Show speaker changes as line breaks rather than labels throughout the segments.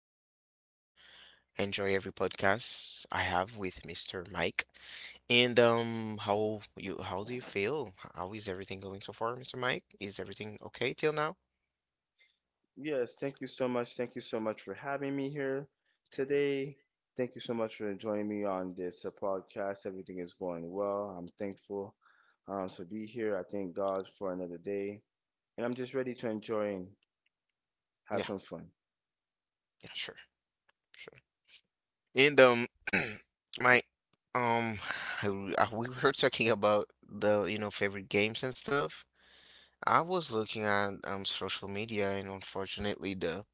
our listeners enjoy every podcast I have with Mr. Mike. And how do you feel? How is everything going so far, Mr. Mike? Is everything okay till now?
Yes, thank you so much. Thank you so much for having me here today. Thank you so much for joining me on this podcast. Everything is going well. I'm thankful to be here. I thank God for another day. And I'm just ready to enjoy and have
Yeah,
some fun.
yeah, sure, sure. And Mike, um, we were talking about the favorite games and stuff. I was looking at social media, and unfortunately, the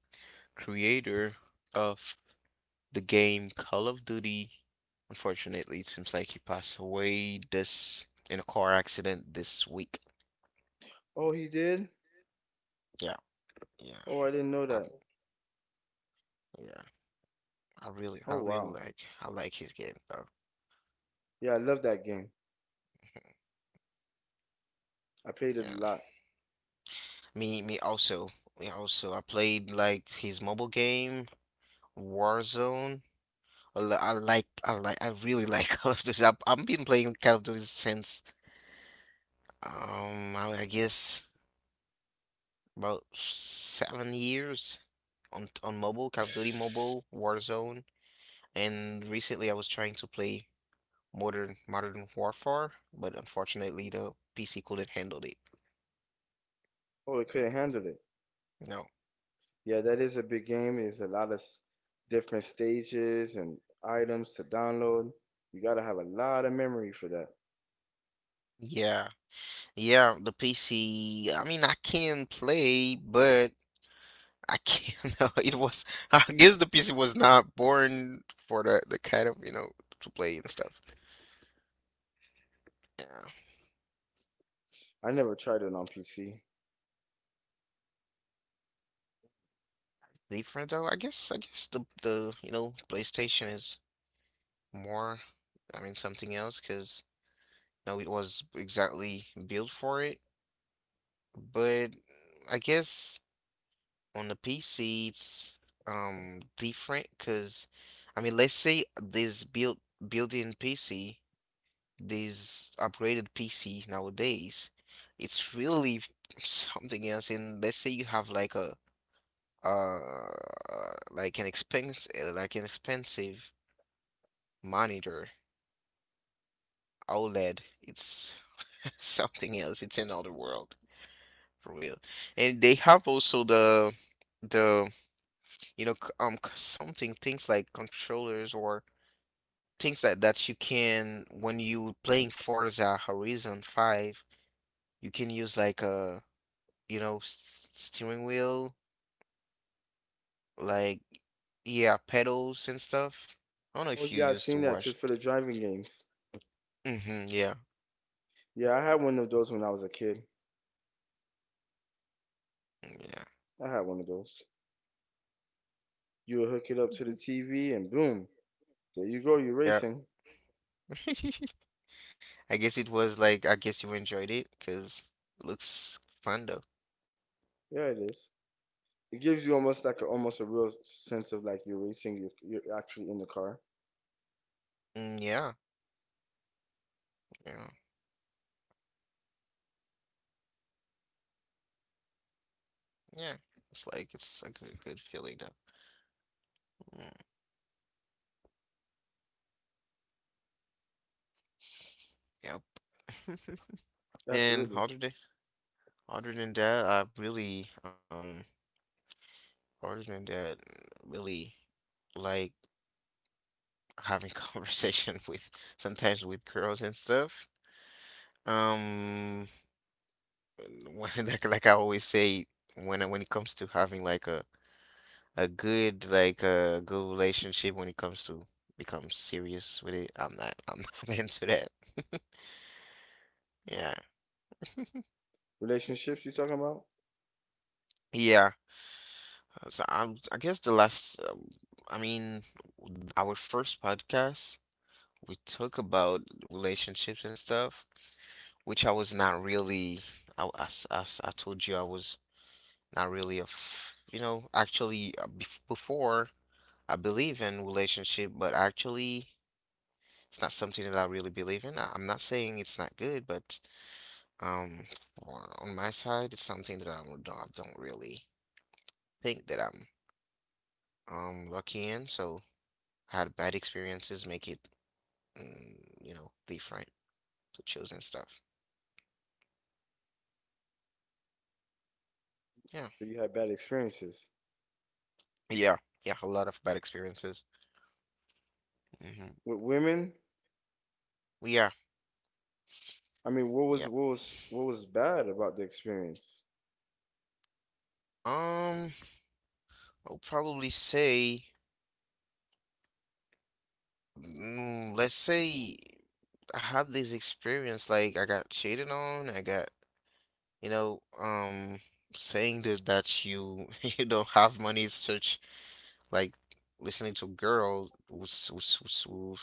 creator of the game Call of Duty. Unfortunately, it seems like he passed away this in a car accident this week.
Oh, he did?
Yeah, yeah,
Oh, I didn't know
I,
that.
yeah. I really, I
Oh,
really
wow.
like, I like his game though.
Yeah, I love that game. I played it
Yeah,
a lot.
me, me also, me also. I played like his mobile game Warzone. I li- I like, I like, I really like Call of Duty. I've been playing Call of Duty since, I guess, about 7 years on mobile, Call of Duty Mobile, Warzone, and recently I was trying to play Modern Warfare, but unfortunately the PC couldn't handle it.
Oh, I couldn't handle it.
No.
Yeah, that is a big game. It's a lot of different stages and items to download. You got to have a lot of memory for that.
Yeah. Yeah, the PC, I mean I can play, but I can't. No, it was. I guess the PC was not born for the kind of, you know, to play and stuff. Yeah.
I never tried it on PC.
Different though, I guess the PlayStation is more, I mean, something else, because no, it was exactly built for it. But I guess on the PC, it's different, because I mean, let's say this built built-in PC, this upgraded PC nowadays, it's really something else. And let's say you have like a uh like an expense like an expensive monitor OLED. It's something else. It's another world for real. And they have also the you know c- c- something things like controllers or things that you can, when you playing Forza Horizon 5, you can use like a you know s steering wheel, like, yeah, pedals and stuff. I don't know
Oh
if you
yeah, I've
used to
seen that too
watch.
for the driving games.
Mm-hmm, yeah.
Yeah, I had one of those when I was a kid. I had one of those. You would hook it up to the TV and boom, there you go, you're
Yeah.
racing.
Yeah. I guess you enjoyed it because looks fun though.
Yeah, it is. It gives you almost a real sense of like you're racing, you're actually in the car.
Mm, yeah, yeah, yeah. It's like a good feeling though. Mm, yep. And
Absolutely.
other than that, other than that, really like having conversation with sometimes with girls and stuff. Um, when I always say, when when it comes to having a good relationship, when it comes to become serious with it, I'm not into that. Yeah.
Relationships you talking about?
Yeah, I guess the last, I mean, our first podcast, we talk about relationships and stuff, which I was not really, as I told you, I was not really a, you know, actually, before, I believe in relationship, but actually, it's not something that I really believe in. I'm not saying it's not good, but um, on my side, it's something that I don't really think that I'm lucky in, so. Had bad experiences, make it, you know, different, to choose stuff. Yeah.
But you had bad experiences
Yeah. Yeah. A lot of bad experiences. Hmm.
with women.
Yeah.
I mean, what was
Yeah.
what was what was bad about the experience?
Um, I'll probably say, let's say I had this experience, like I got cheated on, you know, saying that you you don't have money is such. Like, listening to girls who's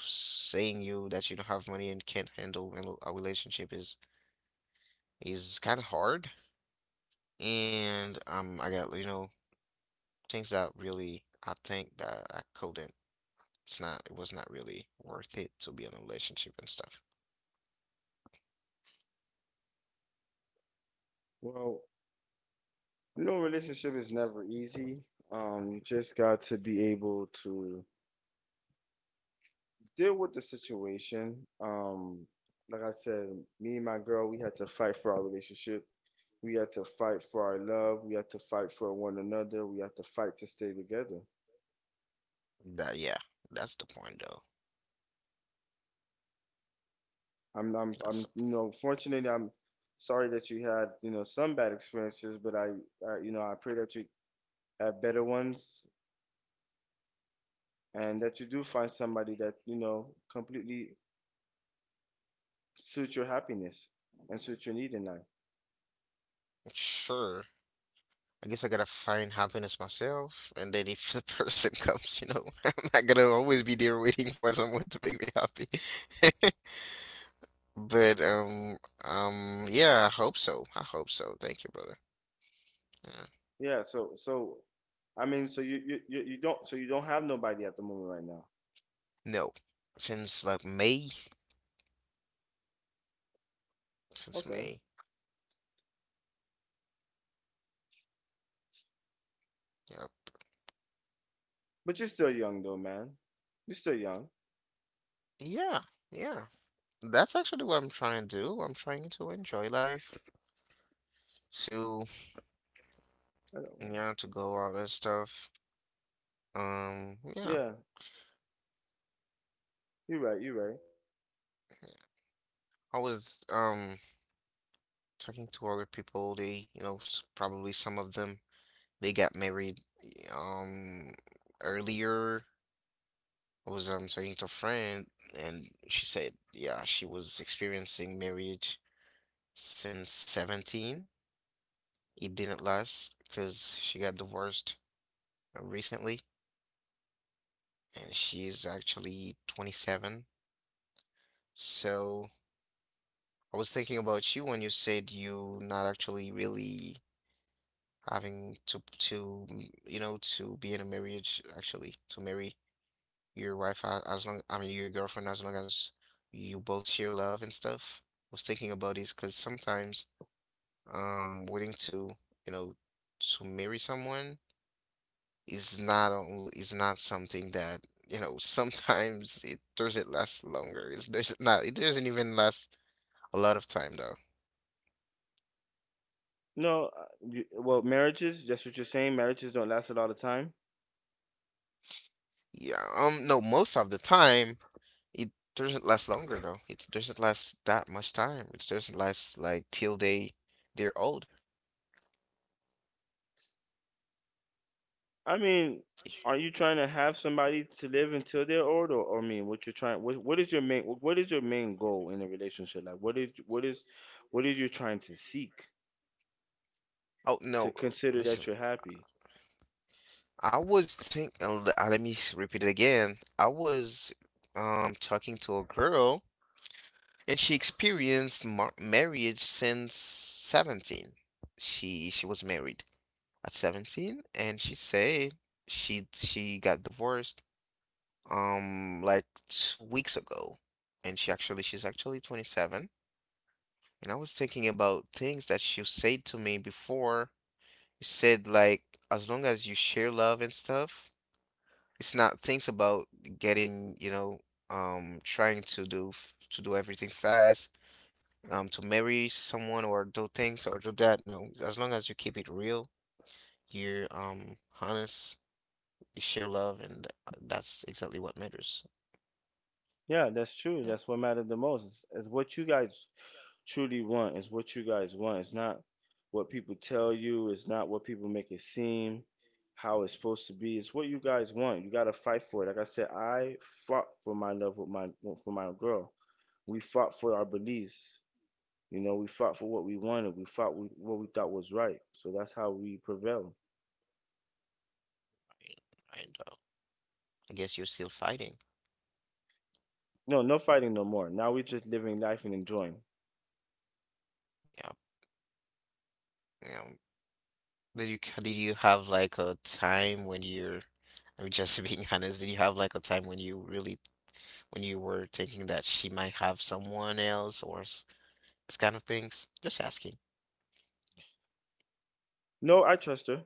saying you that you don't have money and can't handle a relationship is kind of hard. And I got, you know, things that really I think that I couldn't. It's not. It was not really worth it to be in a relationship and stuff.
Well, relationship is never easy. You just got to be able to deal with the situation. Like I said, me and my girl, we had to fight for our relationship. We had to fight for our love. We had to fight for one another. We had to fight to stay together.
That yeah, that's the point though.
I'm, I'm,
That's
I'm,
the
fortunately, I'm sorry that you had, some bad experiences, but I pray that you have better ones and that you do find somebody that, completely suit your happiness and suit your need in life.
point. Sure. I guess I gotta find happiness myself, and then if the person comes, I'm not gonna always be there waiting for someone to make me happy. But yeah, I hope so. I hope so. Thank you, brother. Yeah.
Yeah. So, I mean, so you don't have nobody at the moment right now.
No. Since like May, since
Okay,
May. Yeah.
but you're still young though, man. You're still young.
Yeah. Yeah. That's actually what I'm trying to do. I'm trying to enjoy life, to,
I don't.
yeah, to go out and stuff. Yeah,
Yeah, you're right. You're right.
I was talking to other people. They, you know, probably some of them they got married um earlier. I was talking to a friend, and she said, yeah, she was experiencing marriage since 17. It didn't last because she got divorced recently, and she's actually 27. So I was thinking about you when you said you not actually really having to you know, to be in a marriage, actually to marry your wife, as long, I mean your girlfriend, as long as you both share love and stuff. I was thinking about this because sometimes waiting to, you know, to marry someone is not only, is not something that, you know, sometimes it doesn't last longer. It's, there's not it doesn't even last a lot of time though.
No, well, marriages. That's what you're saying. Marriages don't last a lot of time.
Yeah, no, most of the time it doesn't last longer though. It doesn't last that much time. It doesn't last like till they're old.
I mean, are you trying to have somebody to live until they're old, or I mean, what you're trying? What is your main? What is your main goal in a relationship? Like, what are you trying to seek?
Oh
To
no,
consider that
listen.
you're happy.
I was think le- let me repeat it again. I was talking to a girl and she experienced marriage since 17. She was married at 17, and she said she got divorced like 2 weeks ago, and she's actually 27. And I was thinking about things that she said to me before. She said, like, as long as you share love and stuff, it's not things about getting, you know, trying, to do everything fast, to marry someone, or do things, or do that. No, as long as you keep it real, you're honest, you share love, and that's exactly what matters.
Yeah, that's true.
Yeah,
That's what mattered the most, is what you guys truly want, is what you guys want. It's not what people tell you. It's not what people make it seem. How it's supposed to be. It's what you guys want. You gotta fight for it. Like I said, I fought for my love with my for my girl. We fought for our beliefs. You know, we fought for what we wanted. We fought with what we thought was right. So that's how we prevailed.
I mean, I know. I guess you're still fighting.
No, no fighting no more. Now we're just living life and enjoying.
Yeah. You know, did you have like a time when you're, I'm just being honest, did you have like a time when you really, when you were thinking that she might have someone else or this kind of things? Just asking.
No, I trust her.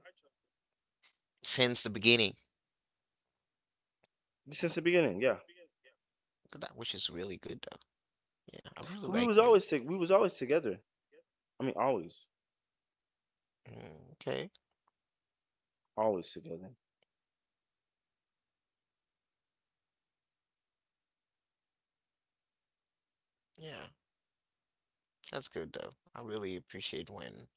Since the beginning,
Since the beginning, yeah.
that which is really good though. Yeah, I really
'Cause
like when.
we was always together. I mean, always,
Mm, okay.
always together.
Yeah, that's good though. I really appreciate when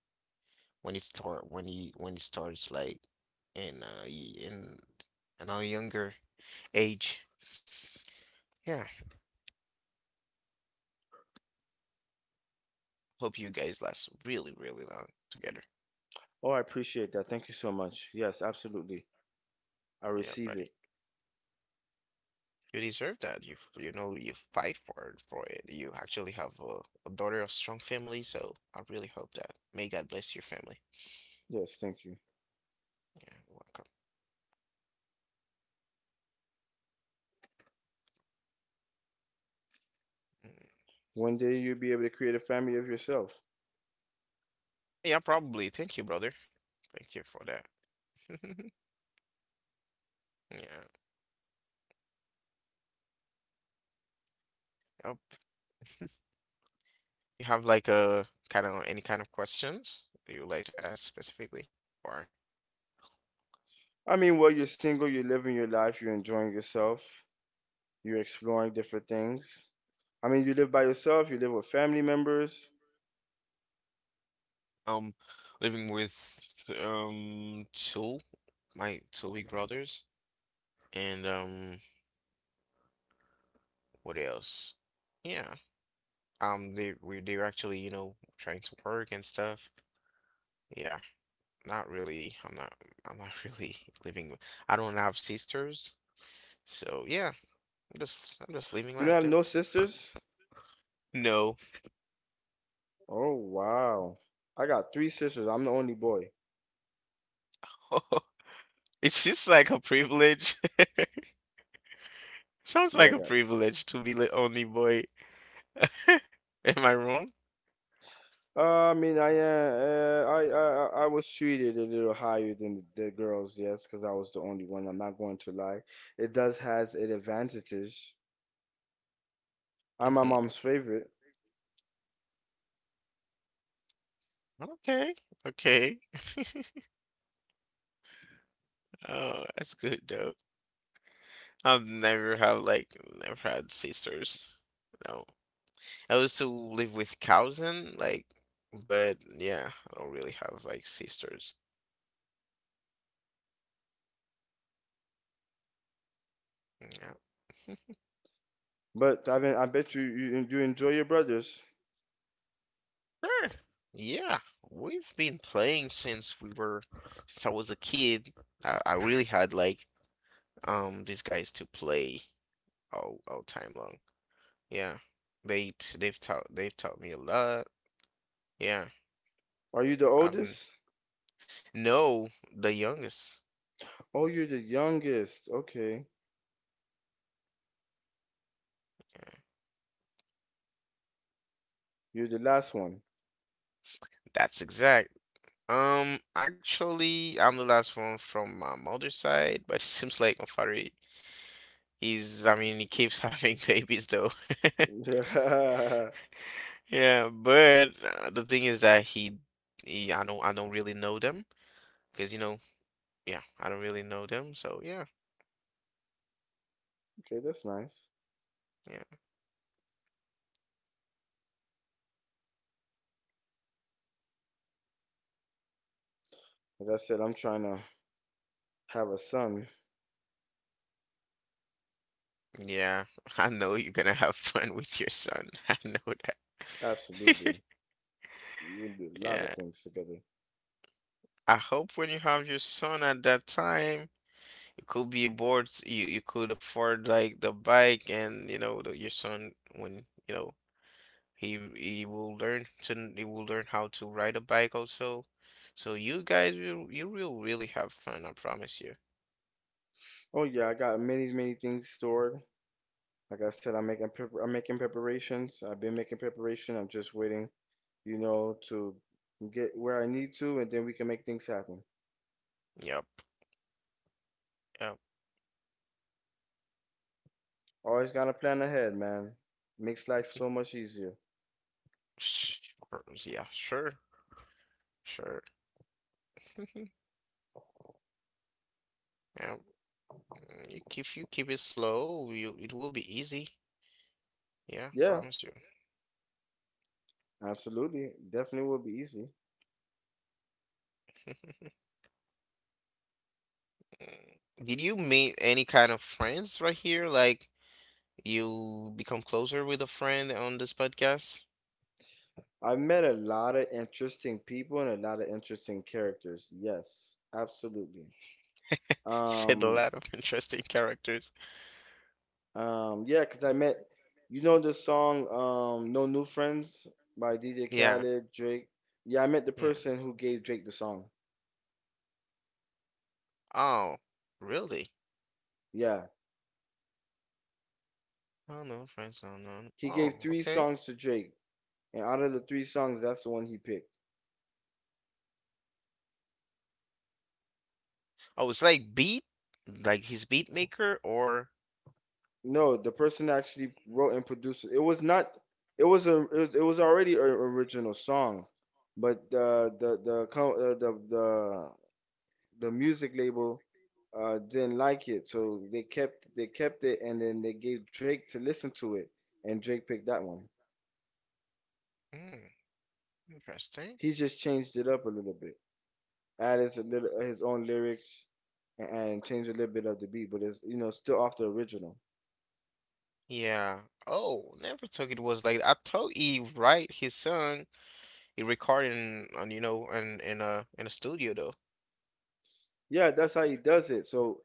when it start when you when it starts, like in a younger age. Yeah. Hope you guys last really, really long together.
Oh, I appreciate that. Thank you so much. Yes, absolutely. I
Yeah,
receive
buddy.
it.
You deserve that. You, you know, you fight for it, for it. You actually have a daughter of strong family, so I really hope that. May God bless your family.
Yes, thank you.
Yeah, welcome. Mm.
One day you'll be able to create a family of yourself.
Yeah, probably. Thank you, brother. Thank you for that. Yeah. Yep. You have like a kind of any kind of questions that you would like to ask specifically, or
I mean, well, you're single, you're living your life, you're enjoying yourself, you're exploring different things. I mean, you live by yourself, you live with family members.
Um, living with my two big brothers, and what else? Yeah, they are actually, you know, trying to work and stuff. Yeah, not really. I'm not. really living. I don't have sisters, so yeah, I'm just living
You don't
life
have
too.
no sisters?
No,
Oh, wow. I got three sisters. I'm the only boy.
it's just like a privilege. Sounds
Yeah,
like a privilege to be the only boy. Am I wrong?
I mean, I was treated a little higher than the girls, yes, because I was the only one. I'm not going to lie. It does has its advantages. I'm my
Mhm.
mom's favorite,
Okay. Okay. Oh, that's good though. I've never have like never had sisters. No. I also live with cousin, like, but yeah, I don't really have like sisters. Yeah.
but I mean, I bet you enjoy your brothers.
Sure. Yeah, we've been playing since we were since I was a kid. I really had like these guys to play all time long. Yeah, they've taught me a lot. Yeah,
Are you the
I've n-
oldest?
no the youngest.
Oh, you're the youngest. Okay, you're the last one.
That's exact. Actually, I'm the last one from my mother's side, but it seems like my father, he's I mean, he keeps having babies though. Yeah, but the thing is that he, I don't really know them, because, you know, yeah, I don't really know them, so yeah,
Okay, that's nice.
yeah,
Like I said, I'm trying to have a son.
yeah. I know you're gonna have fun with your son. I know that.
Absolutely, we'll do a lot of
Yeah,
things together.
I hope when you have your son at that time, you could be aboard, you could afford like the bike, and you know the, your son, when, you know, he will learn how to ride a bike also, so you guys will, you will really have fun. I promise you.
Oh yeah, I got many, many things stored. Like I said, I'm making preparations. I've been making preparation. I'm just waiting, to get where I need to, and then we can make things happen.
Yep. Yep.
Always gotta plan ahead, man. Makes life so much easier.
Yeah, sure. Sure. Yeah. If you keep it slow, you it will be easy. Yeah,
Yeah,
promise you.
absolutely. Definitely will be easy.
Did you meet any kind of friends right here? Like, you become closer with a friend on this podcast?
I've met a lot of interesting people and a lot of interesting characters. Yes, absolutely.
He said a
Um,
lot of interesting characters.
Yeah, cause I met, the song "No New Friends" by DJ
Yeah,
Khaled, Drake. Yeah, I met the
yeah.
person who gave Drake the song.
Oh, really?
Yeah,
Oh no, friends, no, no. no.
he
Oh,
gave three
okay.
songs to Drake, and out of the three songs, that's the one he picked.
Oh, it's like beat, like his beat maker, or
No, the person actually wrote and produced it. It was not. It was a. It was already an original song, but the co- the music label didn't like it, so they kept it, and then they gave Drake to listen to it, and Drake picked that one.
Mm, interesting.
He just changed it up a little bit, added a little his own lyrics, and changed a little bit of the beat, but it's still off the original.
Yeah. Oh, never thought it was like I told Eve, right? His son, he recorded in, on, in a studio though.
Yeah, that's how he does it. So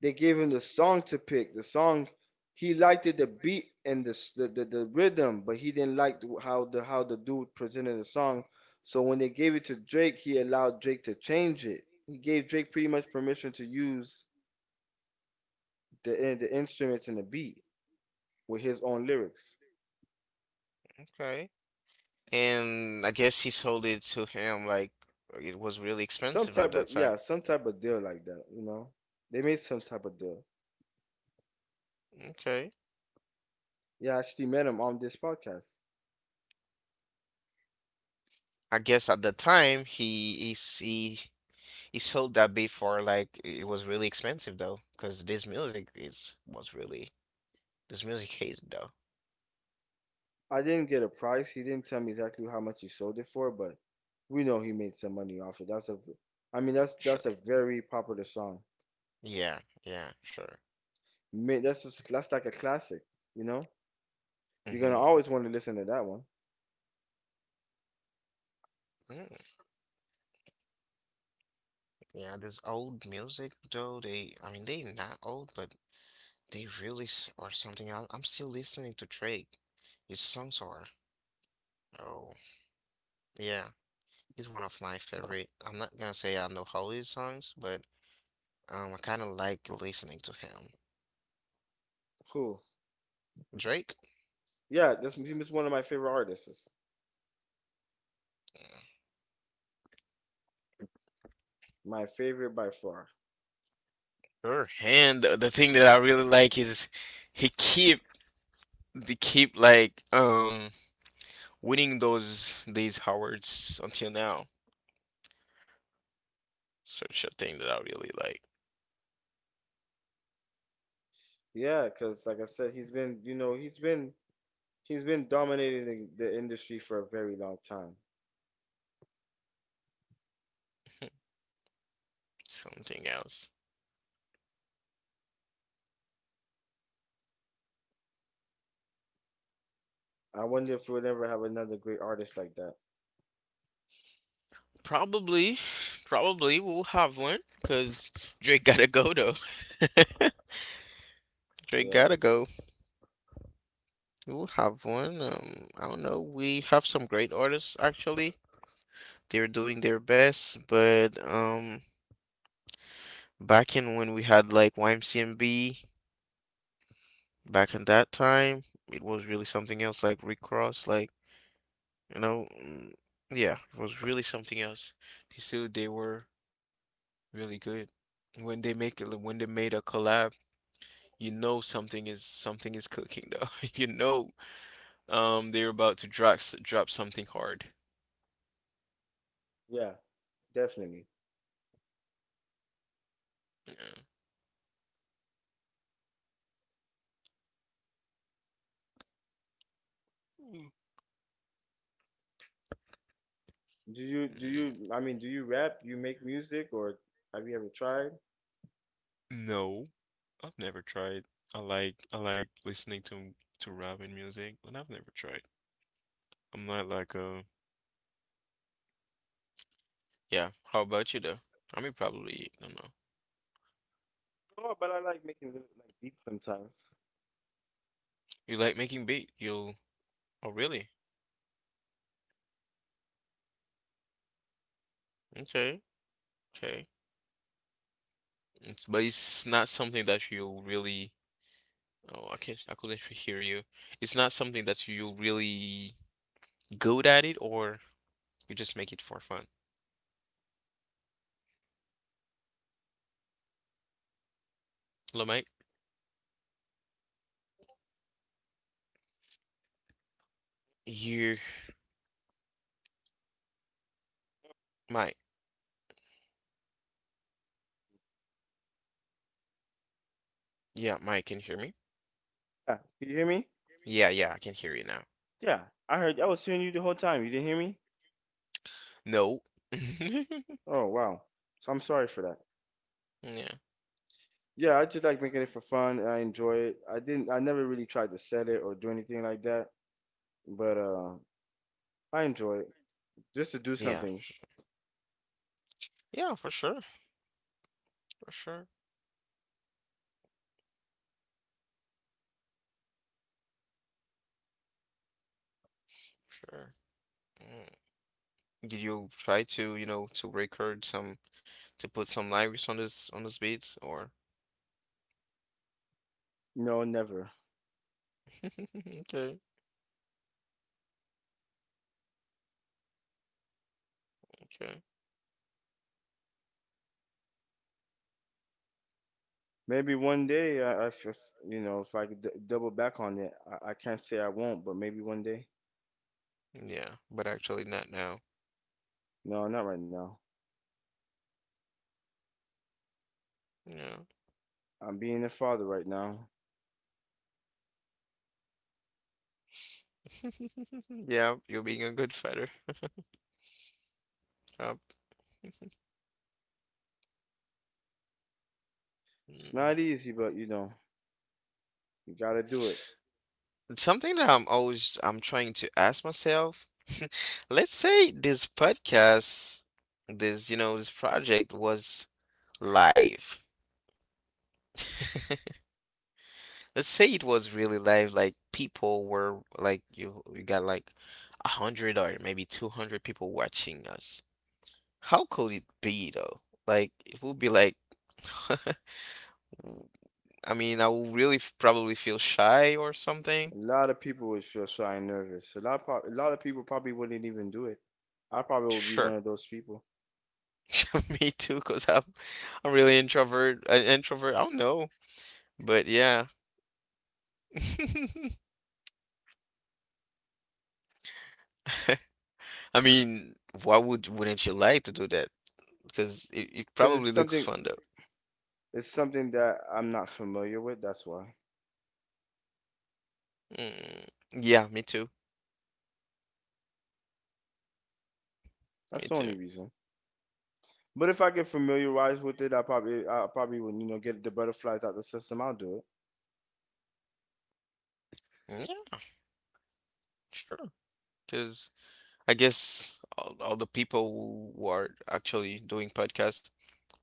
they gave him the song to pick. The song he liked it, the beat and the rhythm, but he didn't like how the dude presented the song. So when they gave it to Drake, he allowed Drake to change it. He gave Drake pretty much permission to use the instruments and the beat with his own lyrics.
Okay. And I guess he sold it to him like it was really expensive at that time.
Some type of deal like that. They made some type of deal.
Okay.
Yeah, I actually met him on this podcast.
I guess at the time he sold that beat for like it was really expensive though, because this music is was really this music hated though.
I didn't get a price. He didn't tell me exactly how much he sold it for, but we know he made some money off it. I mean, that's
Sure.
that's a very popular song.
Yeah, yeah, sure.
That's like a classic. You know, you're gonna
hmm
always want to listen to that one.
Mm, yeah, this old music though, they, I mean, they not old, but they really s- are something else. I'm still listening to Drake. His songs are, oh, yeah, he's one of my favorite. I'm not gonna say I know all his songs, but I kind of like listening to him.
Cool.
Drake?
Yeah, that's he was one of my favorite artists.
Yeah.
My favorite by far.
Sure. And the thing that I really like is he keep they keep like winning those these awards until now. Such a thing that I really like.
Yeah, because like I said, he's been, you know, he's been dominating the industry for a very long time.
Something else.
I wonder if we'll ever have another great artist like that.
Probably, probably we'll have one because Drake gotta go though. Drake
Yeah,
gotta go. We'll have one. I don't know. We have some great artists actually. They're doing their best, but back in when we had like YMCMB, back in that time, it was really something else. Like Rick Ross, like you know, mm, yeah, it was really something else. These two, they were really good. When they made a collab, you know something is cooking though. You know, they're about to drop something hard.
yeah, definitely.
Yeah. Mm.
Do you do
Mm,
you I mean do you rap? Do you make music or have you ever tried?
no, I've never tried. I like listening to rap and music, but I've never tried. I'm not like yeah. How about you though? I mean, probably I don't know.
No, but I like making little like beats sometimes.
You like making beat? You'll oh really? Okay, okay. It's, but it's not something that you really oh, I can not I couldn't hear you. It's not something that you really good at it, or you just make it for fun. Hello, Mike. You, Mike. Yeah, Mike, can you hear me?
Yeah. Can you hear me?
Yeah, yeah, I can hear you now.
Yeah. I was hearing you the whole time. You didn't hear me?
No.
Oh wow. So I'm sorry for that.
Yeah,
Yeah, I just like making it for fun and I enjoy it. I never really tried to sell it or do anything like that. But I enjoy it. Just to do
yeah,
something.
yeah, for sure, sure. Mm. Did you try to, you know, to record some, to put some lyrics on this beats, or?
No, never.
Okay, okay.
Maybe one day I f- if, you know, if I could d double back on it, I can't say I won't, but maybe one day.
Yeah, but actually not now.
No, not right now.
Yeah.
I'm being a father right now.
Yeah, you're being a good fighter. Yup.
It's not
Mm,
easy, but you gotta do it.
something that I'm always I'm trying to ask myself. Let's say this podcast, this, you know, this project was live. Let's say it was really live, like people were like you got like a hundred or maybe 200 people watching us. How could it be though? Like it would be like I mean, I will really f- probably feel shy or something.
A lot of people would feel shy and nervous. A lot of people probably wouldn't even do it. I probably would be one
Sure.
of those people
Me too, because I'm really introvert, an introvert. I don't know, but yeah. I mean, why would wouldn't you like to do that? Because it
because
probably looks fun though.
it's something that I'm not familiar with. That's why.
Mm, yeah, me too.
That's
Me
the
too.
only reason. But if I get familiarized with it, I probably would, get the butterflies out the system. I'll do it.
Yeah, sure. Because I guess all the people who are actually doing podcasts,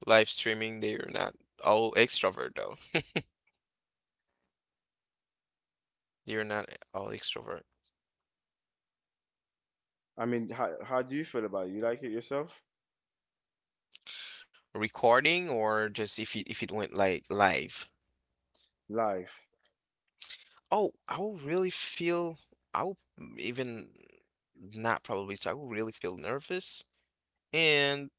live streaming, they're not all extrovert though. They're not all extrovert.
I mean, how do you feel about it? You like it yourself?
Recording or just if it went like live?
Live.
Oh, I will really feel I will even not probably so I will really feel nervous and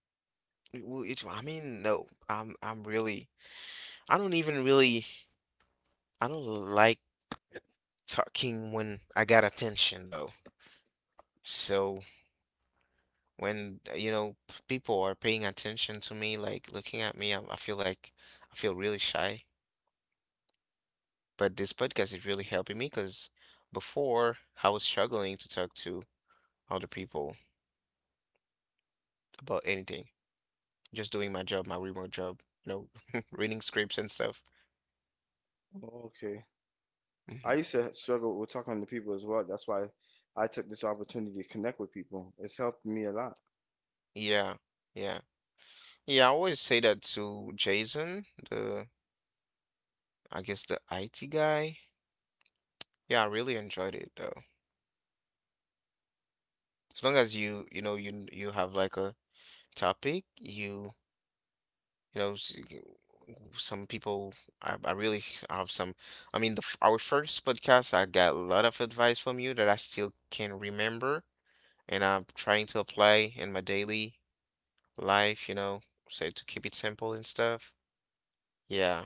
it will it I mean no I'm really I don't even really I don't like talking when I got attention though so when you know people are paying attention to me like looking at me I feel like I feel really shy. But this podcast is really helping me because before I was struggling to talk to other people about anything, just doing my job, my remote job, you know, reading scripts and stuff.
Okay. I
Hmm.
used to struggle with talking to people as well. That's why I took this opportunity to connect with people. It's helped me a lot.
Yeah, yeah, yeah. I always say that to Jason, the I guess the IT guy. Yeah, I really enjoyed it though. As long as you, you know, you have like a topic, you know, s- some people, I really have some. I mean, our first podcast, I got a lot of advice from you that I still can remember, and I'm trying to apply in my daily life. You know, so to keep it simple and stuff. Yeah,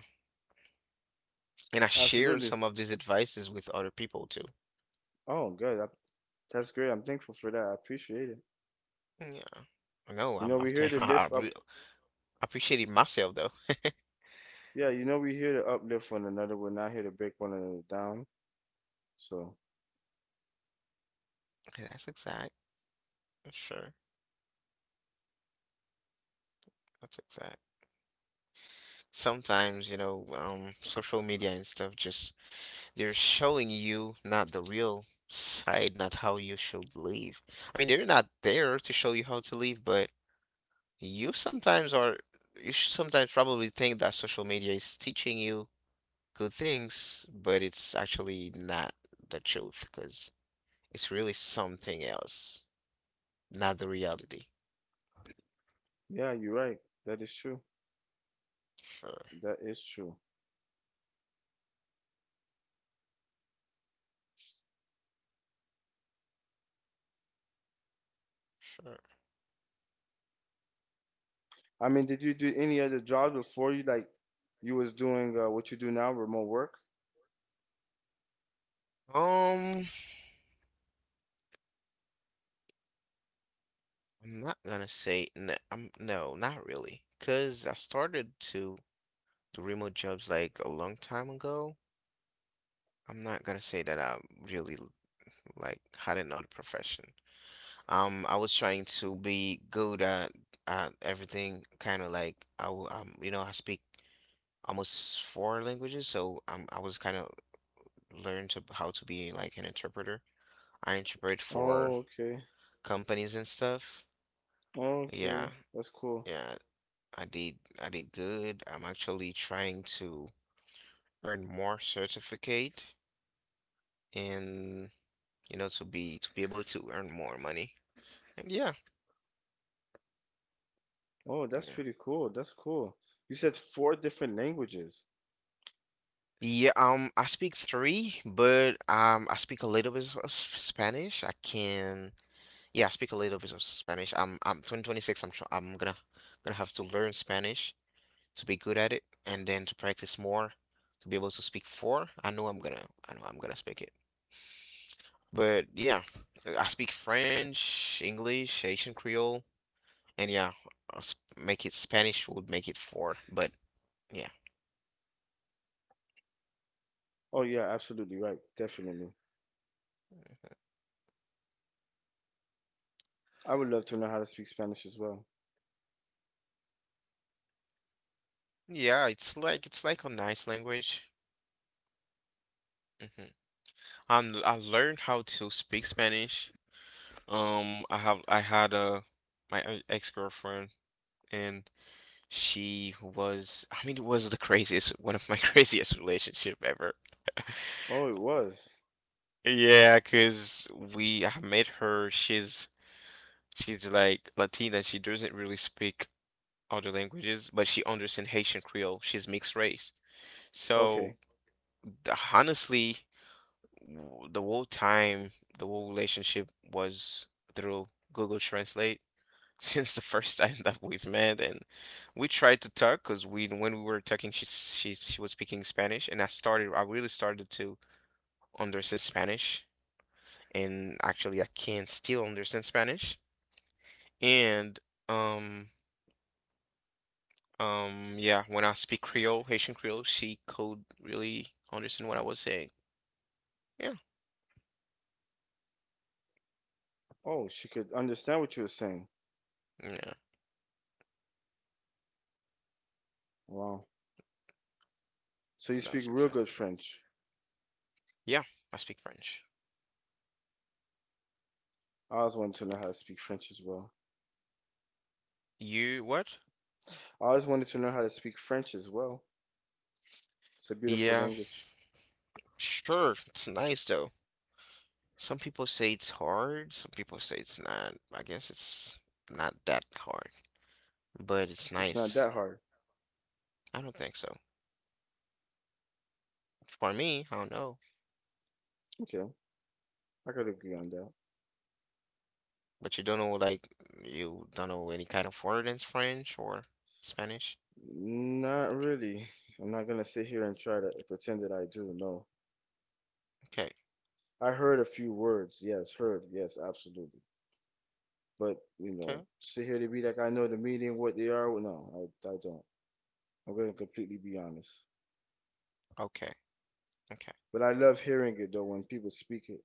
and I shared
Absolutely.
some of these advices with other people too.
Oh, good. That's great. I'm thankful for that. I appreciate it.
Yeah, I know.
You know,
I'm
we're here to
I
lift
re-
up.
appreciated myself though.
Yeah, we're here to uplift one another. We're not here to break one another down. So,
Okay, that's exact. Sure, that's exact. Sometimes, you know, social media and stuff just they're showing you not the real side, not how you should live. I mean, they're not there to show you how to live, but you sometimes are, you sh- sometimes probably think that social media is teaching you good things, but it's actually not the truth because it's really something else, not the reality.
yeah, you're right. That is true.
Sure,
That is true.
sure.
I mean, did you do any other jobs before you like you was doing what you do now, remote work?
Um, I'm not gonna say no, no, not really, because I started to remote jobs like a long time ago. I'm not gonna say that I really like had another profession. I was trying to be good at everything, kind of like you know, I speak almost four languages, so I was kind of learned to how to be like an interpreter. I interpret for
Oh, okay.
companies and stuff. Yeah,
Okay. That's cool.
yeah, I did I did good. I'm actually trying to earn more certificate in you know, to be able to earn more money. And yeah,
Oh, that's
yeah.
pretty cool. That's cool. You said four different languages.
Yeah, I speak three, but I speak a little bit of Spanish. Yeah, I speak a little bit of Spanish. I'm 2026. I'm, tr- I'm gonna, gonna have to learn Spanish to be good at it, and then to practice more to be able to speak four. I know I'm gonna speak it. But yeah, I speak French, English, Haitian Creole, and yeah, I'll s- make it Spanish would make it four. But yeah,
Oh, yeah, absolutely right. Definitely. I would love to know how to speak Spanish as well.
yeah, it's like a nice language. Hmm. And I learned how to speak Spanish. I had a my ex-girlfriend and she was I mean it was the craziest one of my craziest relationship ever.
Oh, it was.
Yeah, 'cause we I met her. She's like Latina. She doesn't really speak other languages, but she understands Haitian Creole. She's mixed race. So
Okay.
honestly, the whole time, the whole relationship was through Google Translate since the first time that we've met, and we tried to talk because we when we were talking, she was speaking Spanish, and I really started to understand Spanish, and actually I can still understand Spanish, and um. Yeah, when I speak Creole, Haitian Creole, she could really understand what I was saying. Yeah,
Oh, she could understand what you were saying.
yeah,
Wow. So you
that's
speak real
exact.
good French.
Yeah, I speak French.
I always wanted to know how to speak French as well.
You what?
I always wanted to know how to speak French as well. It's a beautiful
Yeah,
language.
sure. It's nice though. Some people say it's hard, some people say it's not. I guess it's not that hard, but it's
It's not
nice.
that hard.
I don't think so. For me, I don't know.
Okay. I could agree on that.
But you don't know, like, you don't know any kind of word in French or Spanish?
Not really. I'm not gonna sit here and try to pretend that I do. No.
Okay,
I heard a few words. Yes, heard. Yes, absolutely. But
okay,
sit here to be like I know the meaning, what they are. Well, no, I don't. I'm gonna completely be honest.
okay, okay.
But I love hearing it though when people speak it,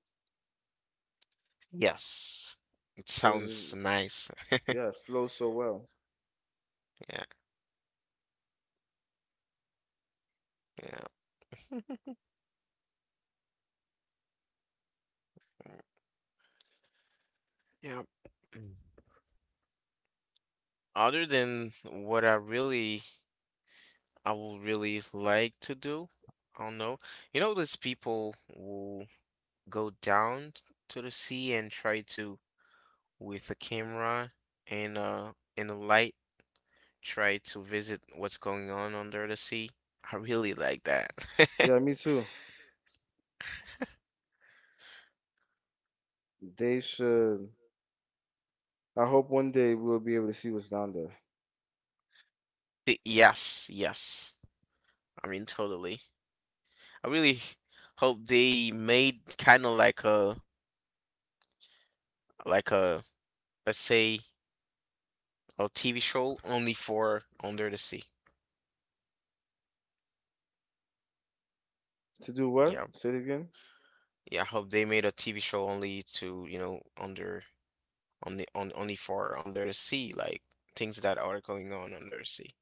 Yes, it
cause
sounds nice.
yeah, it flows so well.
Yeah, yeah, yeah. Mm. Other than what I really I would really like to do. I don't know. You know, those people who go down to the sea and try to, with a camera and and a light, try to visit what's going on under the sea. I really like that.
Yeah, me too. They should. I hope one day we'll be able to see what's down there.
Y- Yes, yes. I mean, totally. I really hope they made kind of like a let's say a TV show only for under the sea.
To do what?
Yeah.
Say it again.
Yeah, I hope they made a TV show only to, you know, under on the on only for under the sea, like things that are going on under the sea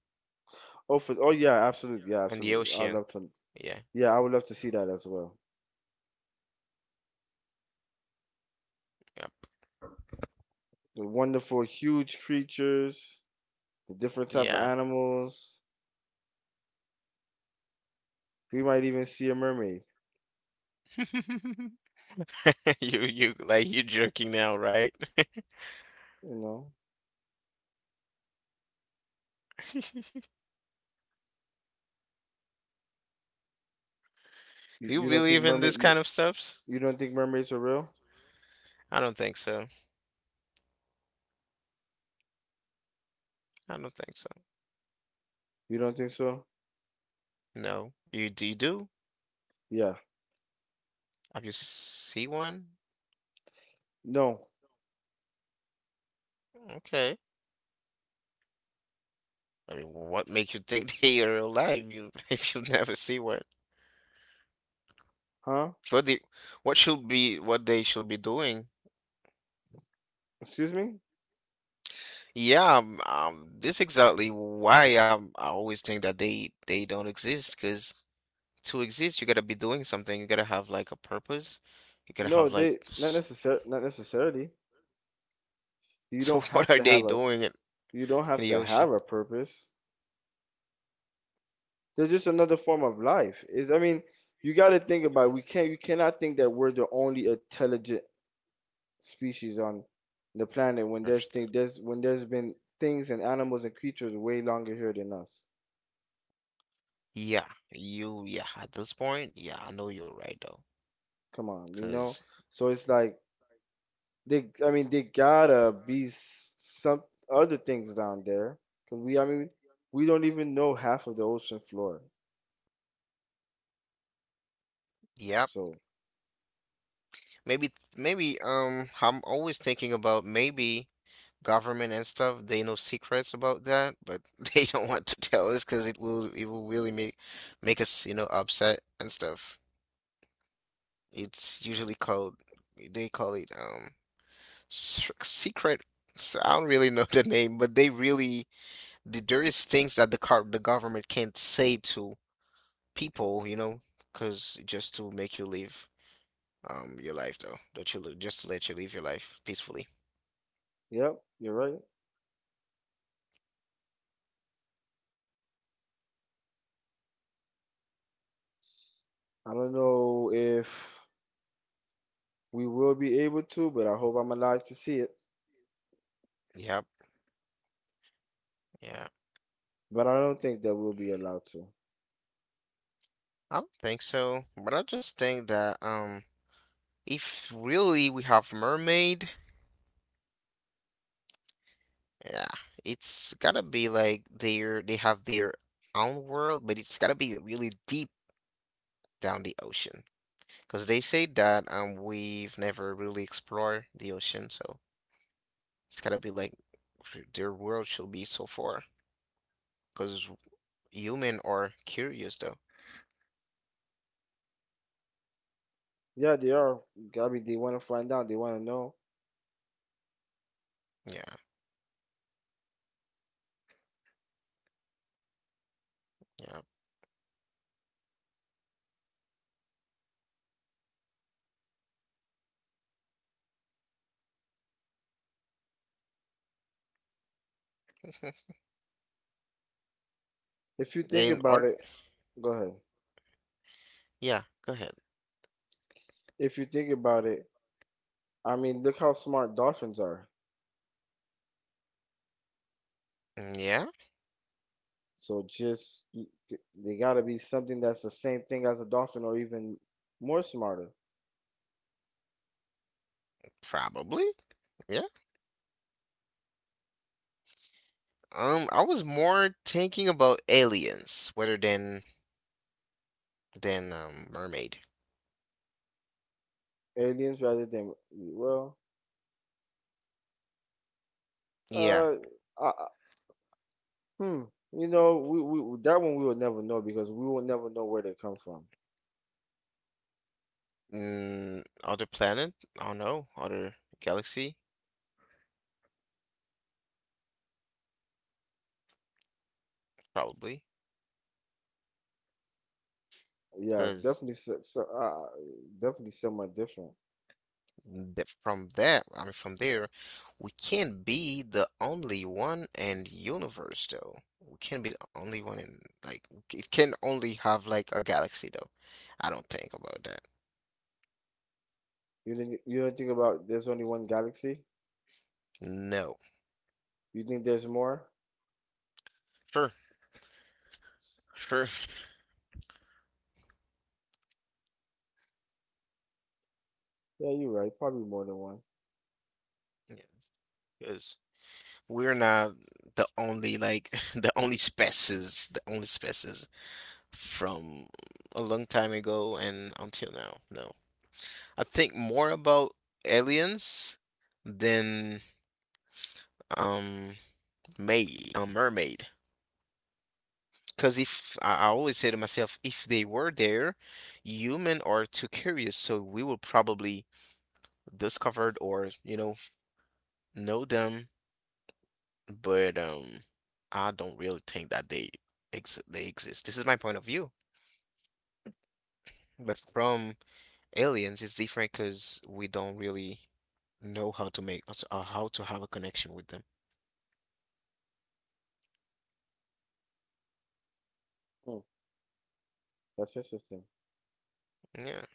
Oh, for oh yeah, absolutely. Yeah,
and the
absolutely. I'd
ocean.
love to.
Yeah,
Yeah, I would love to see that as well.
yeah,
The wonderful, huge creatures, the different type of
yeah.
animals. We might even see a mermaid.
You like you joking now, right?
You know, you,
You
you don't think
believe in
mermaid
this
you
kind of stuff?
you don't think mermaids are real?
I don't think so. I don't think so.
You don't think so?
No, you do?
Yeah.
Have you see one?
No.
Okay. I mean, what makes you think they are alive? You if you never see one.
Huh?
What the what should be what they should be doing?
Excuse me?
Yeah, this exactly why I always think that they don't exist. Because to exist, you gotta be doing something. You gotta have like a purpose. You gotta
No,
have like.
they
S-
not necessarily. You
So
don't
what
have
are
to
they
have a
doing
you don't
in
have
the
to
ocean
have a purpose. They're just another form of life. Is I mean, you got to think about it. We can't you cannot think that we're the only intelligent species on the planet when there's
first?
thing there's when there's been things and animals and creatures way longer here than us.
Yeah, you. Yeah, at this point, yeah, I know you're right though.
Come on, you know?
Because
So it's like they, I mean, they gotta be some other things down there. 'Cause we, I mean, we don't even know half of the ocean floor.
yeah,
So,
maybe maybe I'm always thinking about maybe. Government and stuff, they know secrets about that, but they don't want to tell us because it will really make us, upset and stuff. It's usually called, they call it, secret. I don't really know the name, but they really there is things that the government can't say to people, because just to make you live your life though, that just to let you live your life peacefully.
yep, you're right. I don't know if we will be able to, but I hope I'm alive to see it.
Yep. Yeah.
But I don't think that we'll be allowed to.
I don't think so, but I just think that if really we have mermaid, yeah, it's gotta be like their they have their own world, but it's gotta be really deep down the ocean because they say that we've never really explored the ocean, so it's gotta be like their world should be so far because human are curious though.
Yeah, they are. I mean, they want to find out. They want to know.
Yeah, yeah.
If you think
In
about
order,
it, go ahead.
yeah, go ahead.
If you think about it, I mean, look how smart dolphins are.
Yeah,
So just they gotta be something that's the same thing as a dolphin or even more smarter.
probably. Yeah. I was more thinking about aliens rather than mermaid.
Aliens rather than, well,
Yeah.
uh, I- hmm. You know, we that one we will never know because we will never know where they come from.
Mm, other planet? I don't know. Other galaxy? Probably.
Yeah,
Because
definitely so, definitely somewhat different.
from that, I mean, from there, we can't be the only one in the universe, though. We can't be the only one in, like, it can only have, like, a galaxy, though. I don't think about that.
You don't think about there's only one galaxy?
No.
You think there's more?
Sure. Sure.
Yeah, you're right. Probably more than one.
Yeah. Because we're not the only, like, the only species from a long time ago and until now. No, I think more about aliens than um a mermaid. Because if I always say to myself, if they were there, human are too curious, so we will probably discovered or know them. But I don't really think that they exist. This is my point of view. But from. Aliens is different because we don't really know how to make or how to have a connection with them.
Hmm, that's interesting.
Yeah,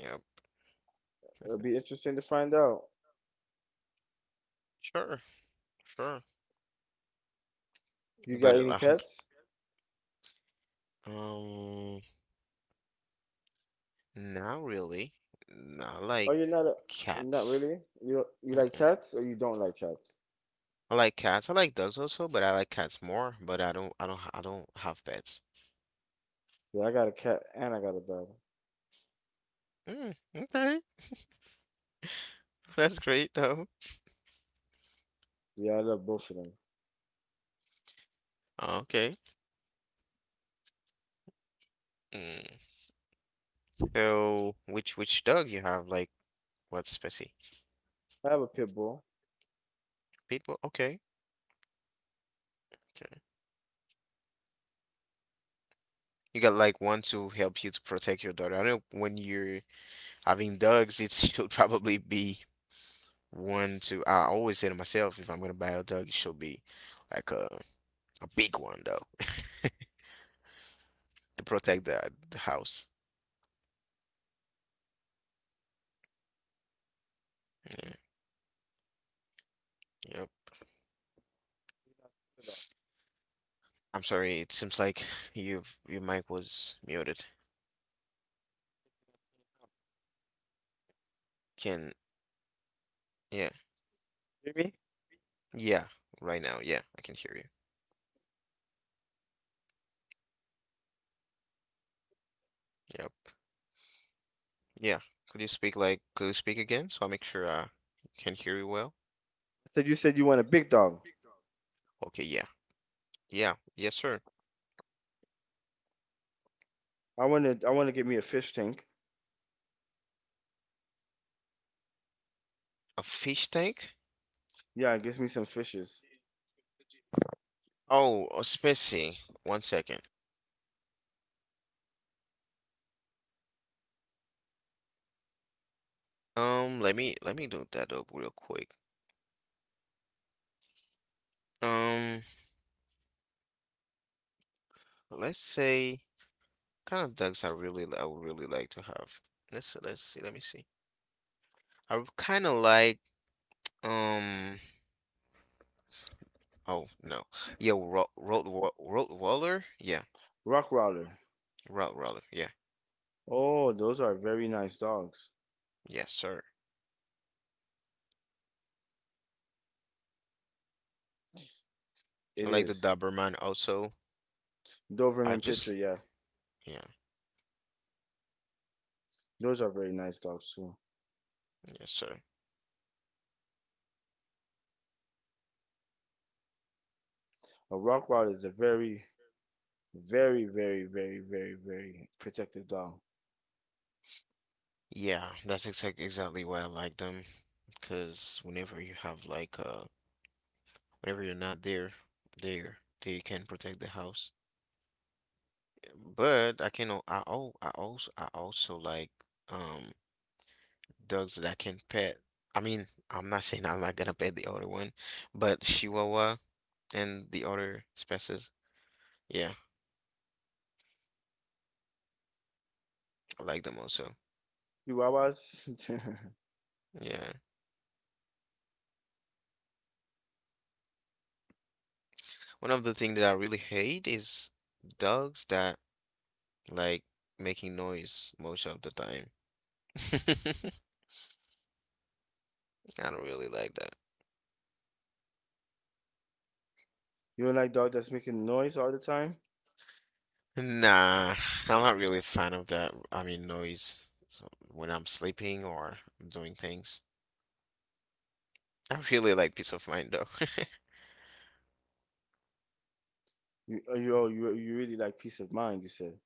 yeah,
It'll be interesting to find out.
sure, sure.
You got
But
any pets?
um, um, not really. No, I
Oh,
like
you're not not
cats.
really? You like
Mm-mm.
cats or you don't like cats?
I like cats. I like dogs also, but I like cats more. But I don't have pets.
Yeah, I got a cat and I got a dog.
Mm, okay, that's great though.
Yeah, I love both of them.
Okay. Mm. So, which dog you have? Like what specie?
I have a pit bull.
Pitbull. Okay, okay. You got like one to help you to protect your daughter. I know when you're having dogs, it should probably be one to. I always say to myself, if I'm gonna buy a dog, it should be like a big one though to protect the house. Yeah. Yep. I'm sorry. It seems like you've your mic was muted. Can Yeah,
Hear me? I
yeah, right now, yeah, I can hear you. Yep. Yeah. Could you speak again so I make sure I can hear you well?
said you want a big dog.
Okay. Yeah. Yeah. Yes, sir.
I wanna get me a fish tank.
A fish tank?
Yeah, get me some fishes.
Oh, Spetsy. One second. Let me do that up real quick. Um, let's say kind of ducks I would really like to have. Let's see. Let me see. I kind of like um. Oh no. Yeah, Rottweiler. Rottweiler. Yeah,
Rockwaller.
Rottweiler. Yeah.
Oh, those are very nice dogs.
Yes, sir. I
It
like the
is.
Doberman also. I
Doberman Pinscher,
just
yeah.
yeah.
Those are very nice dogs too.
Yes, sir.
A Rockwaller is a very, very, very, very, very, very protective dog.
Yeah, that's exactly why I like them. Because whenever you have like a whenever you're not there, there they can protect the house. But I can al- I also like um dogs that I can pet. I mean, I'm not saying I'm not gonna pet the other one, but Chihuahua and the other species, yeah, I like them also.
Chihuahuas?
Yeah. One of the things that I really hate is dogs that like making noise most of the time. I don't really like that.
You don't like dog that's making noise all the time?
Nah, I'm not really a fan of that. I mean, noise so when I'm sleeping or I'm doing things. I really like peace of mind though.
You you oh, you really like peace of mind, you said.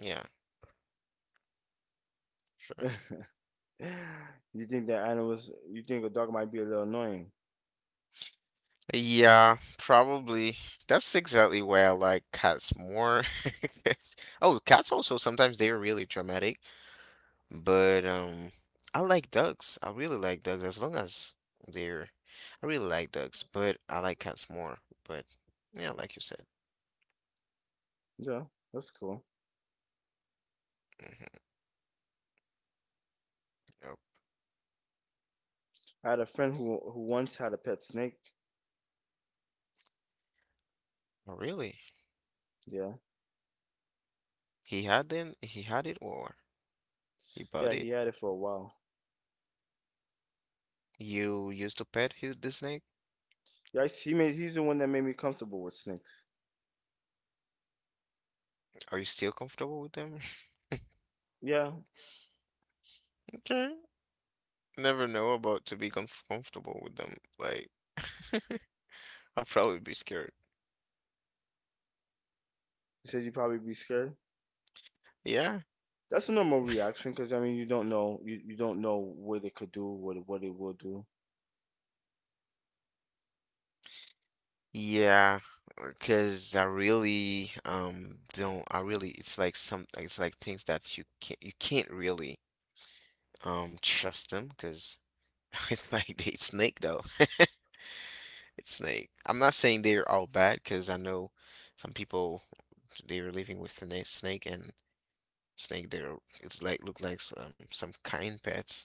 Yeah, sure.
You think a dog might be a little annoying.
Yeah, probably. That's exactly why I like cats more. Oh, cats also sometimes they're really dramatic, but I like dogs. I really like dogs as long as they're. I really like dogs, but I like cats more. But yeah, like you said.
Yeah, that's cool.
hmm Oh,
I had a friend who once had a pet snake.
oh, really?
Yeah.
He hadn't, he had it or he bought
Yeah,
it.
he had it for a while.
You used to pet the snake.
Yeah, she made he's the one that made me comfortable with snakes.
Are you still comfortable with them?
Yeah.
Okay. Never know about to be comfortable with them. Like, I'll probably be scared.
He said you'd probably be scared.
Yeah.
That's a normal reaction because I mean you don't know you don't know what it could do, what it will do.
Yeah, because I really don't, I really, it's like some it's like things that you can't really trust them because it's like they snake though. It's Snake. I'm not saying they're all bad because I know some people they were living with the snake, and snake they are, it's like look like some kind pets.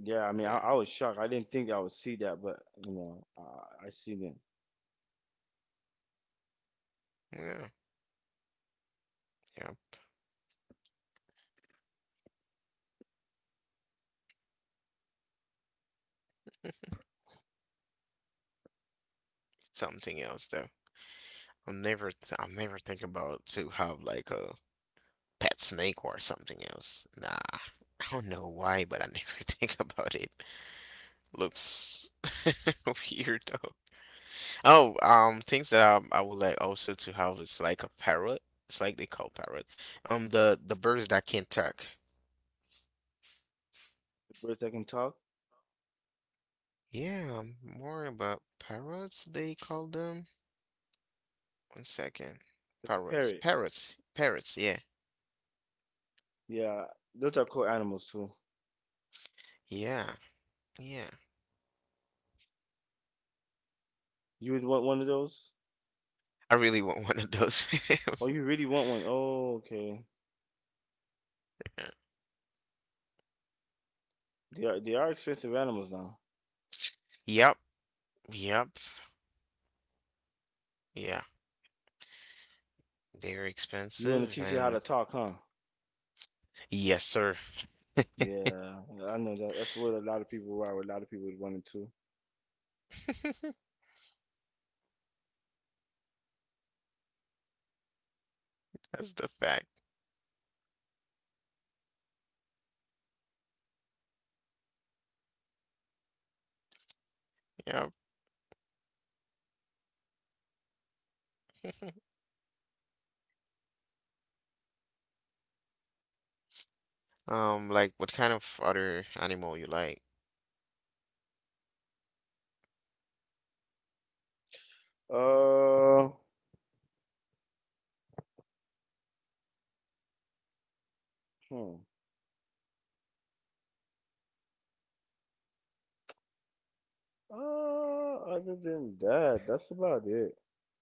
Yeah, I mean I,
Yeah,
I was shocked. I didn't think I would see that, but I seen it.
yeah, yeah. Something else though. I'll never think about to have like a pet snake or something else. Nah, I don't know why, but I never think about it. Looks weird. Oh, things that I would like also to have is like a parrot. It's like they call parrot. The birds that can talk.
Birds that can talk.
Yeah, more about parrots. They call them. One second,
It's a
parrots,
parrot.
parrots, parrots. Yeah,
Yeah, those are cool animals too.
yeah, yeah.
You would want one of those?
I really want one of those.
Oh, you really want one? Oh, okay. They are expensive animals now.
Yep, yep, yeah. They're
You want to
expensive,
teach it how
and
to talk, huh?
yes, sir.
Yeah, I know that. That's what a lot of people are. What a lot of people would want it to.
That's the fact. Yep. Like, what kind of other animal you like?
Uh, hmm. Other than that, that's about it.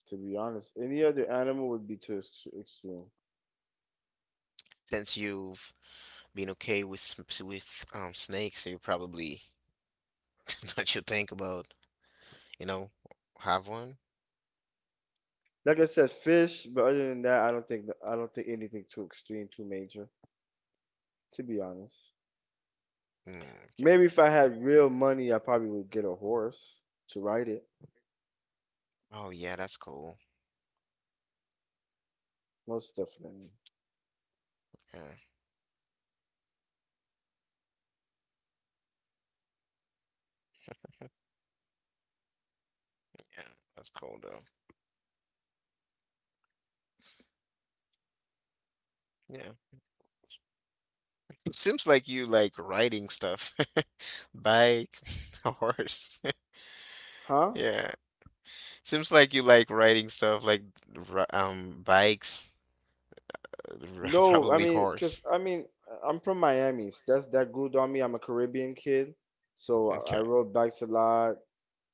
To be honest, any other animal would be too extreme.
Since you've being okay with snakes, you probably that you think about, you know, have one.
Like I said, fish. But other than that, I don't think anything too extreme, too major. To be honest.
Mm, okay.
Maybe if I had real money, I probably would get a horse to ride it.
Oh yeah, that's cool.
Most definitely.
Yeah, yeah, that's cool though. Yeah. It seems like you like riding stuff. Bike, horse.
Huh?
Yeah. Seems like you like riding stuff like bikes,
No, I
probably
mean, cause
horse.
I mean, I'm from Miami, so that grew on me. I'm a Caribbean kid, so I
Okay.
rode bikes a lot.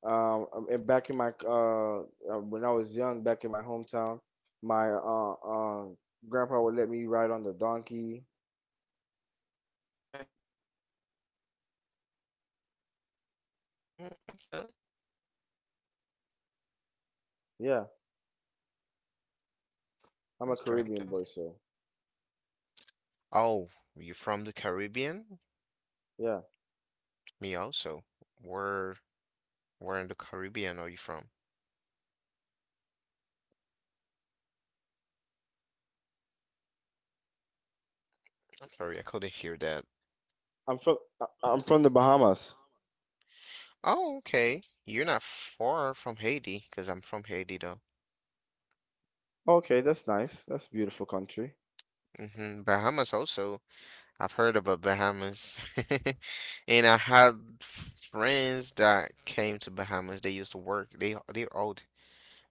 And back in my when I was young, back in my hometown, my grandpa would let me ride on the donkey.
Okay. Mm, okay.
Yeah, I'm a
That's great
Caribbean
though.
boy, so
Oh, you're from the Caribbean?
yeah.
Me also. Where where in the Caribbean are you from? I'm sorry, I couldn't hear that.
I'm from the Bahamas.
Oh, okay. You're not far from Haiti, because 'cause I'm from Haiti though.
Okay, that's nice. That's a beautiful country.
Bahamas also. I've heard about Bahamas. And I had friends that came to Bahamas. They used to work. They're old,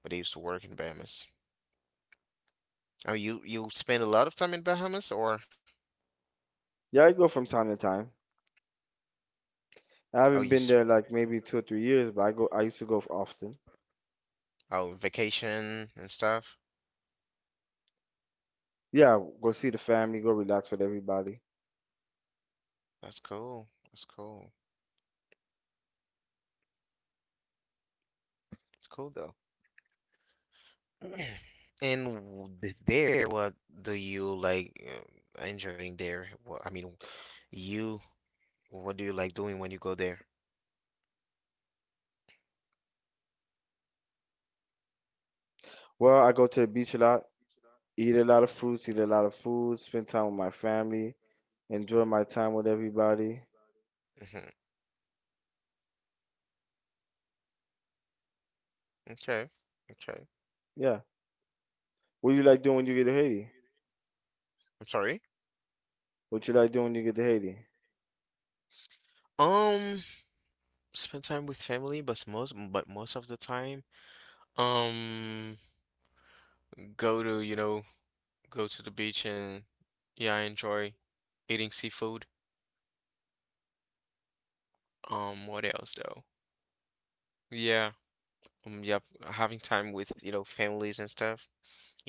but they used to work in Bahamas. Oh, you spend a lot of time in Bahamas or
Yeah, I go from time to time. I
oh
haven't
you
been
s
there like maybe 2 or 3 years, but I go. I used to go often.
Oh, vacation and stuff.
Yeah, go see the family, go relax with everybody.
That's cool. That's cool. It's cool though. And what do you like enjoying there? What, I mean, you, what do you like doing when you go there?
Well, I go to the beach a lot, eat a lot of fruits, eat a lot of food, spend time with my family, enjoy my time with everybody.
hmm Okay. Okay.
Yeah. What do you like doing when you get to Haiti?
I'm sorry.
What you like doing when you get to Haiti?
Um, spend time with family, but most of the time, um, go to, you know, go to the beach and yeah, I enjoy eating seafood. What else though? Yeah, yeah, having time with, families and stuff.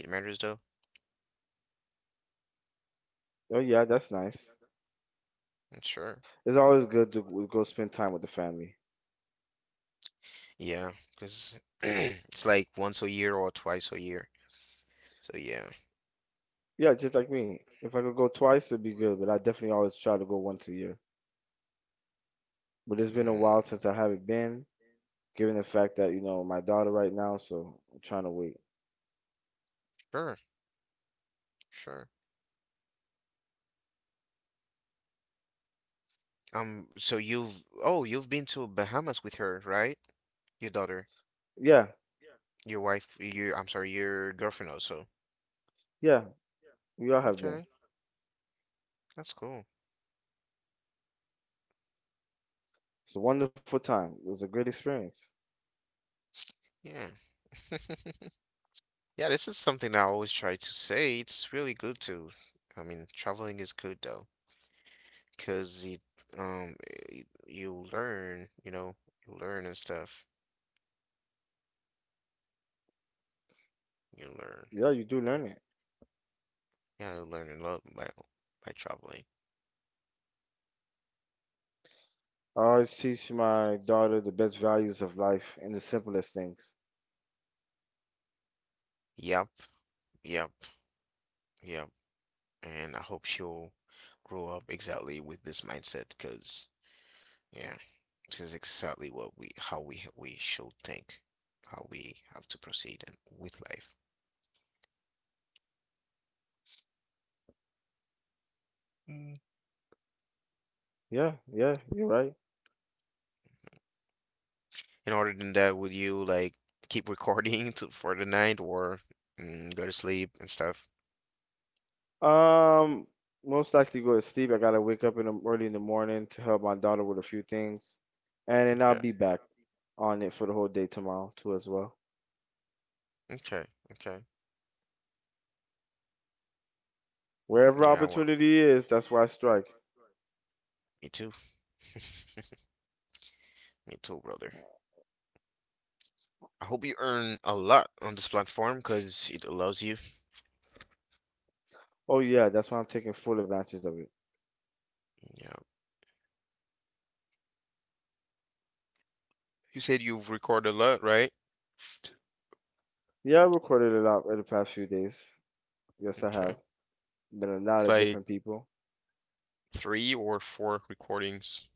It matters though.
Oh yeah, that's nice.
Mm, sure.
It's always good to go spend time with the family.
Yeah, because it's like once a year or twice a year. So yeah.
Yeah, just like me. If I could go twice, it'd be good, but I definitely always try to go once a year. But it's been a while
Mm,
since I haven't been. Given the fact that you know my daughter right now, so I'm trying to wait.
sure, sure. So you've been to Bahamas with her, right? Your daughter.
Yeah,
Your wife, you. I'm sorry, your girlfriend also.
yeah, we all have been.
Okay, that's cool.
It's a wonderful time. It was a great experience.
Yeah. Yeah, this is something I always try to say. It's really good to, I mean, traveling is good though, 'cause it, you learn and stuff. You learn.
Yeah, you do learn it.
Yeah, you learn a lot by traveling.
I always teach my daughter the best values of life and the simplest things.
Yep, yep, yep. And I hope she'll grow up exactly with this mindset, 'cause yeah. This is exactly what we, how we should think, how we have to proceed and with life. Mm.
Yeah, yeah, you're right.
In order than that, would you like keep recording to for the night or go to sleep and stuff?
Um, Most likely go to sleep. I gotta wake up early in the morning to help my daughter with a few things, and then I'll
Okay,
be back on it for the whole day tomorrow too as well.
okay, okay.
Wherever
Yeah, well,
opportunity is, that's where I strike.
me too. Me too, brother. I hope you earn a lot on this platform because it allows you.
Oh yeah, that's why I'm taking full advantage of it.
Yeah. You said you've recorded a lot, right?
Yeah, I recorded a lot in the past few days. Yes, I
Okay.
have. Been a lot
It's
of
like
different people.
three or four recordings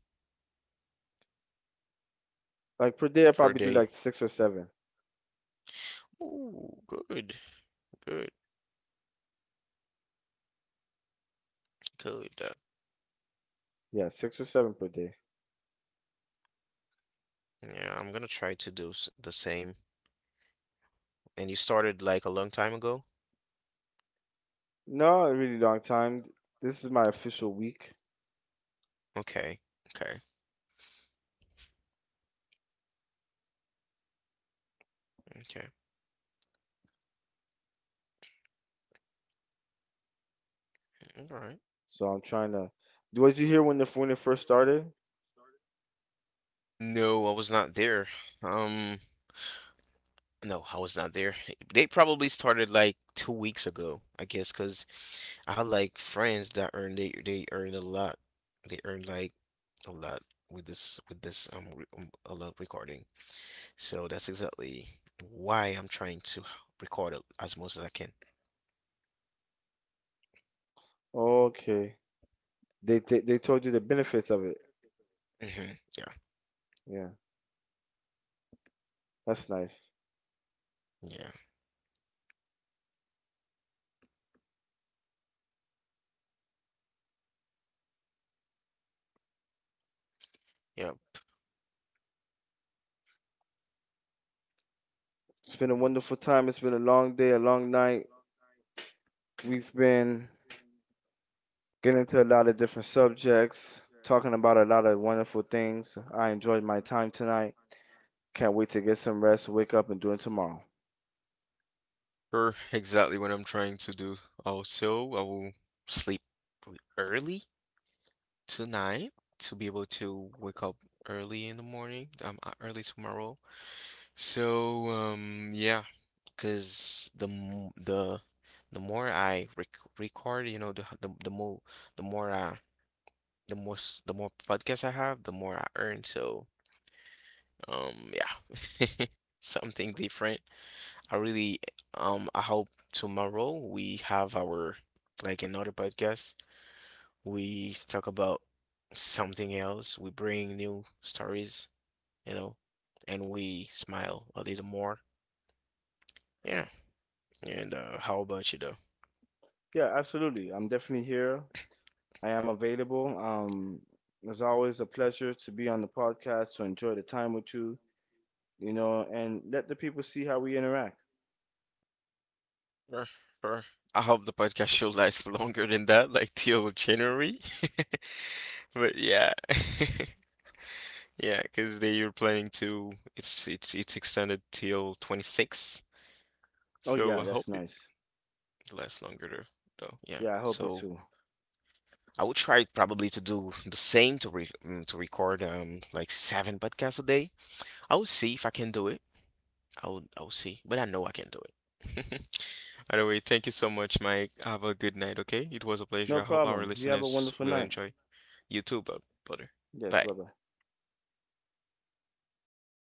Like per day, I
per
probably do
day.
like six or seven.
Oh, good, good, good.
Yeah, six or seven per day.
Yeah, I'm gonna try to do the same. And you started like a long time ago?
No, a really long time. This is my official week,
Okay, okay, okay. All right.
so I'm trying to. What did you hear when it first started?
No, I was not there. Um, no, I was not there. They probably started like 2 weeks ago, I guess, 'cause I had like friends that earned a lot. They earned like a lot with this a lot recording. So that's exactly why I'm trying to record as much as I can.
Okay, they told you the benefits of it.
Yeah,
Yeah, that's nice.
yeah, yeah.
It's been a
Mm.
wonderful time. It's been a long day, a long night. We've been getting into a lot of different subjects, talking about a lot of wonderful things. I enjoyed my time tonight. Can't wait to get some rest, wake up, and do it tomorrow.
Sure, exactly what I'm trying to do. Also, I will sleep early tonight to be able to wake up early in the morning, early tomorrow. So, yeah, because the m- the more I record, you know, the h- the more the more the more s- the more podcasts I have, the more I earn. So yeah, something different. I really I hope tomorrow we have our like another podcast. We talk about something else. We bring new stories, you know, and we smile a little more. Yeah. And how about you though?
Yeah, absolutely. I'm definitely here. I am available. It's always a pleasure to be on the podcast to enjoy the time with you, and let the people see how we interact.
Sure, sure. I hope the podcast show lasts longer than that, like till January. But yeah, yeah, because they are planning to it's extended till 26.
Oh,
So
yeah,
I hope
that's
it
nice.
lasts longer though. Yeah.
Yeah, I hope it
So
too.
I would try probably to do the same to record like seven podcasts a day. I will see if I can do it. I'll see, but I know I can do it. By the way, thank you so much, Mike. Have a good night, okay? It was a pleasure.
No
I hope our
problem. You have a
listeners
wonderful
will
night.
enjoy. You too, brother.
Yes,
Bye.
bye bye.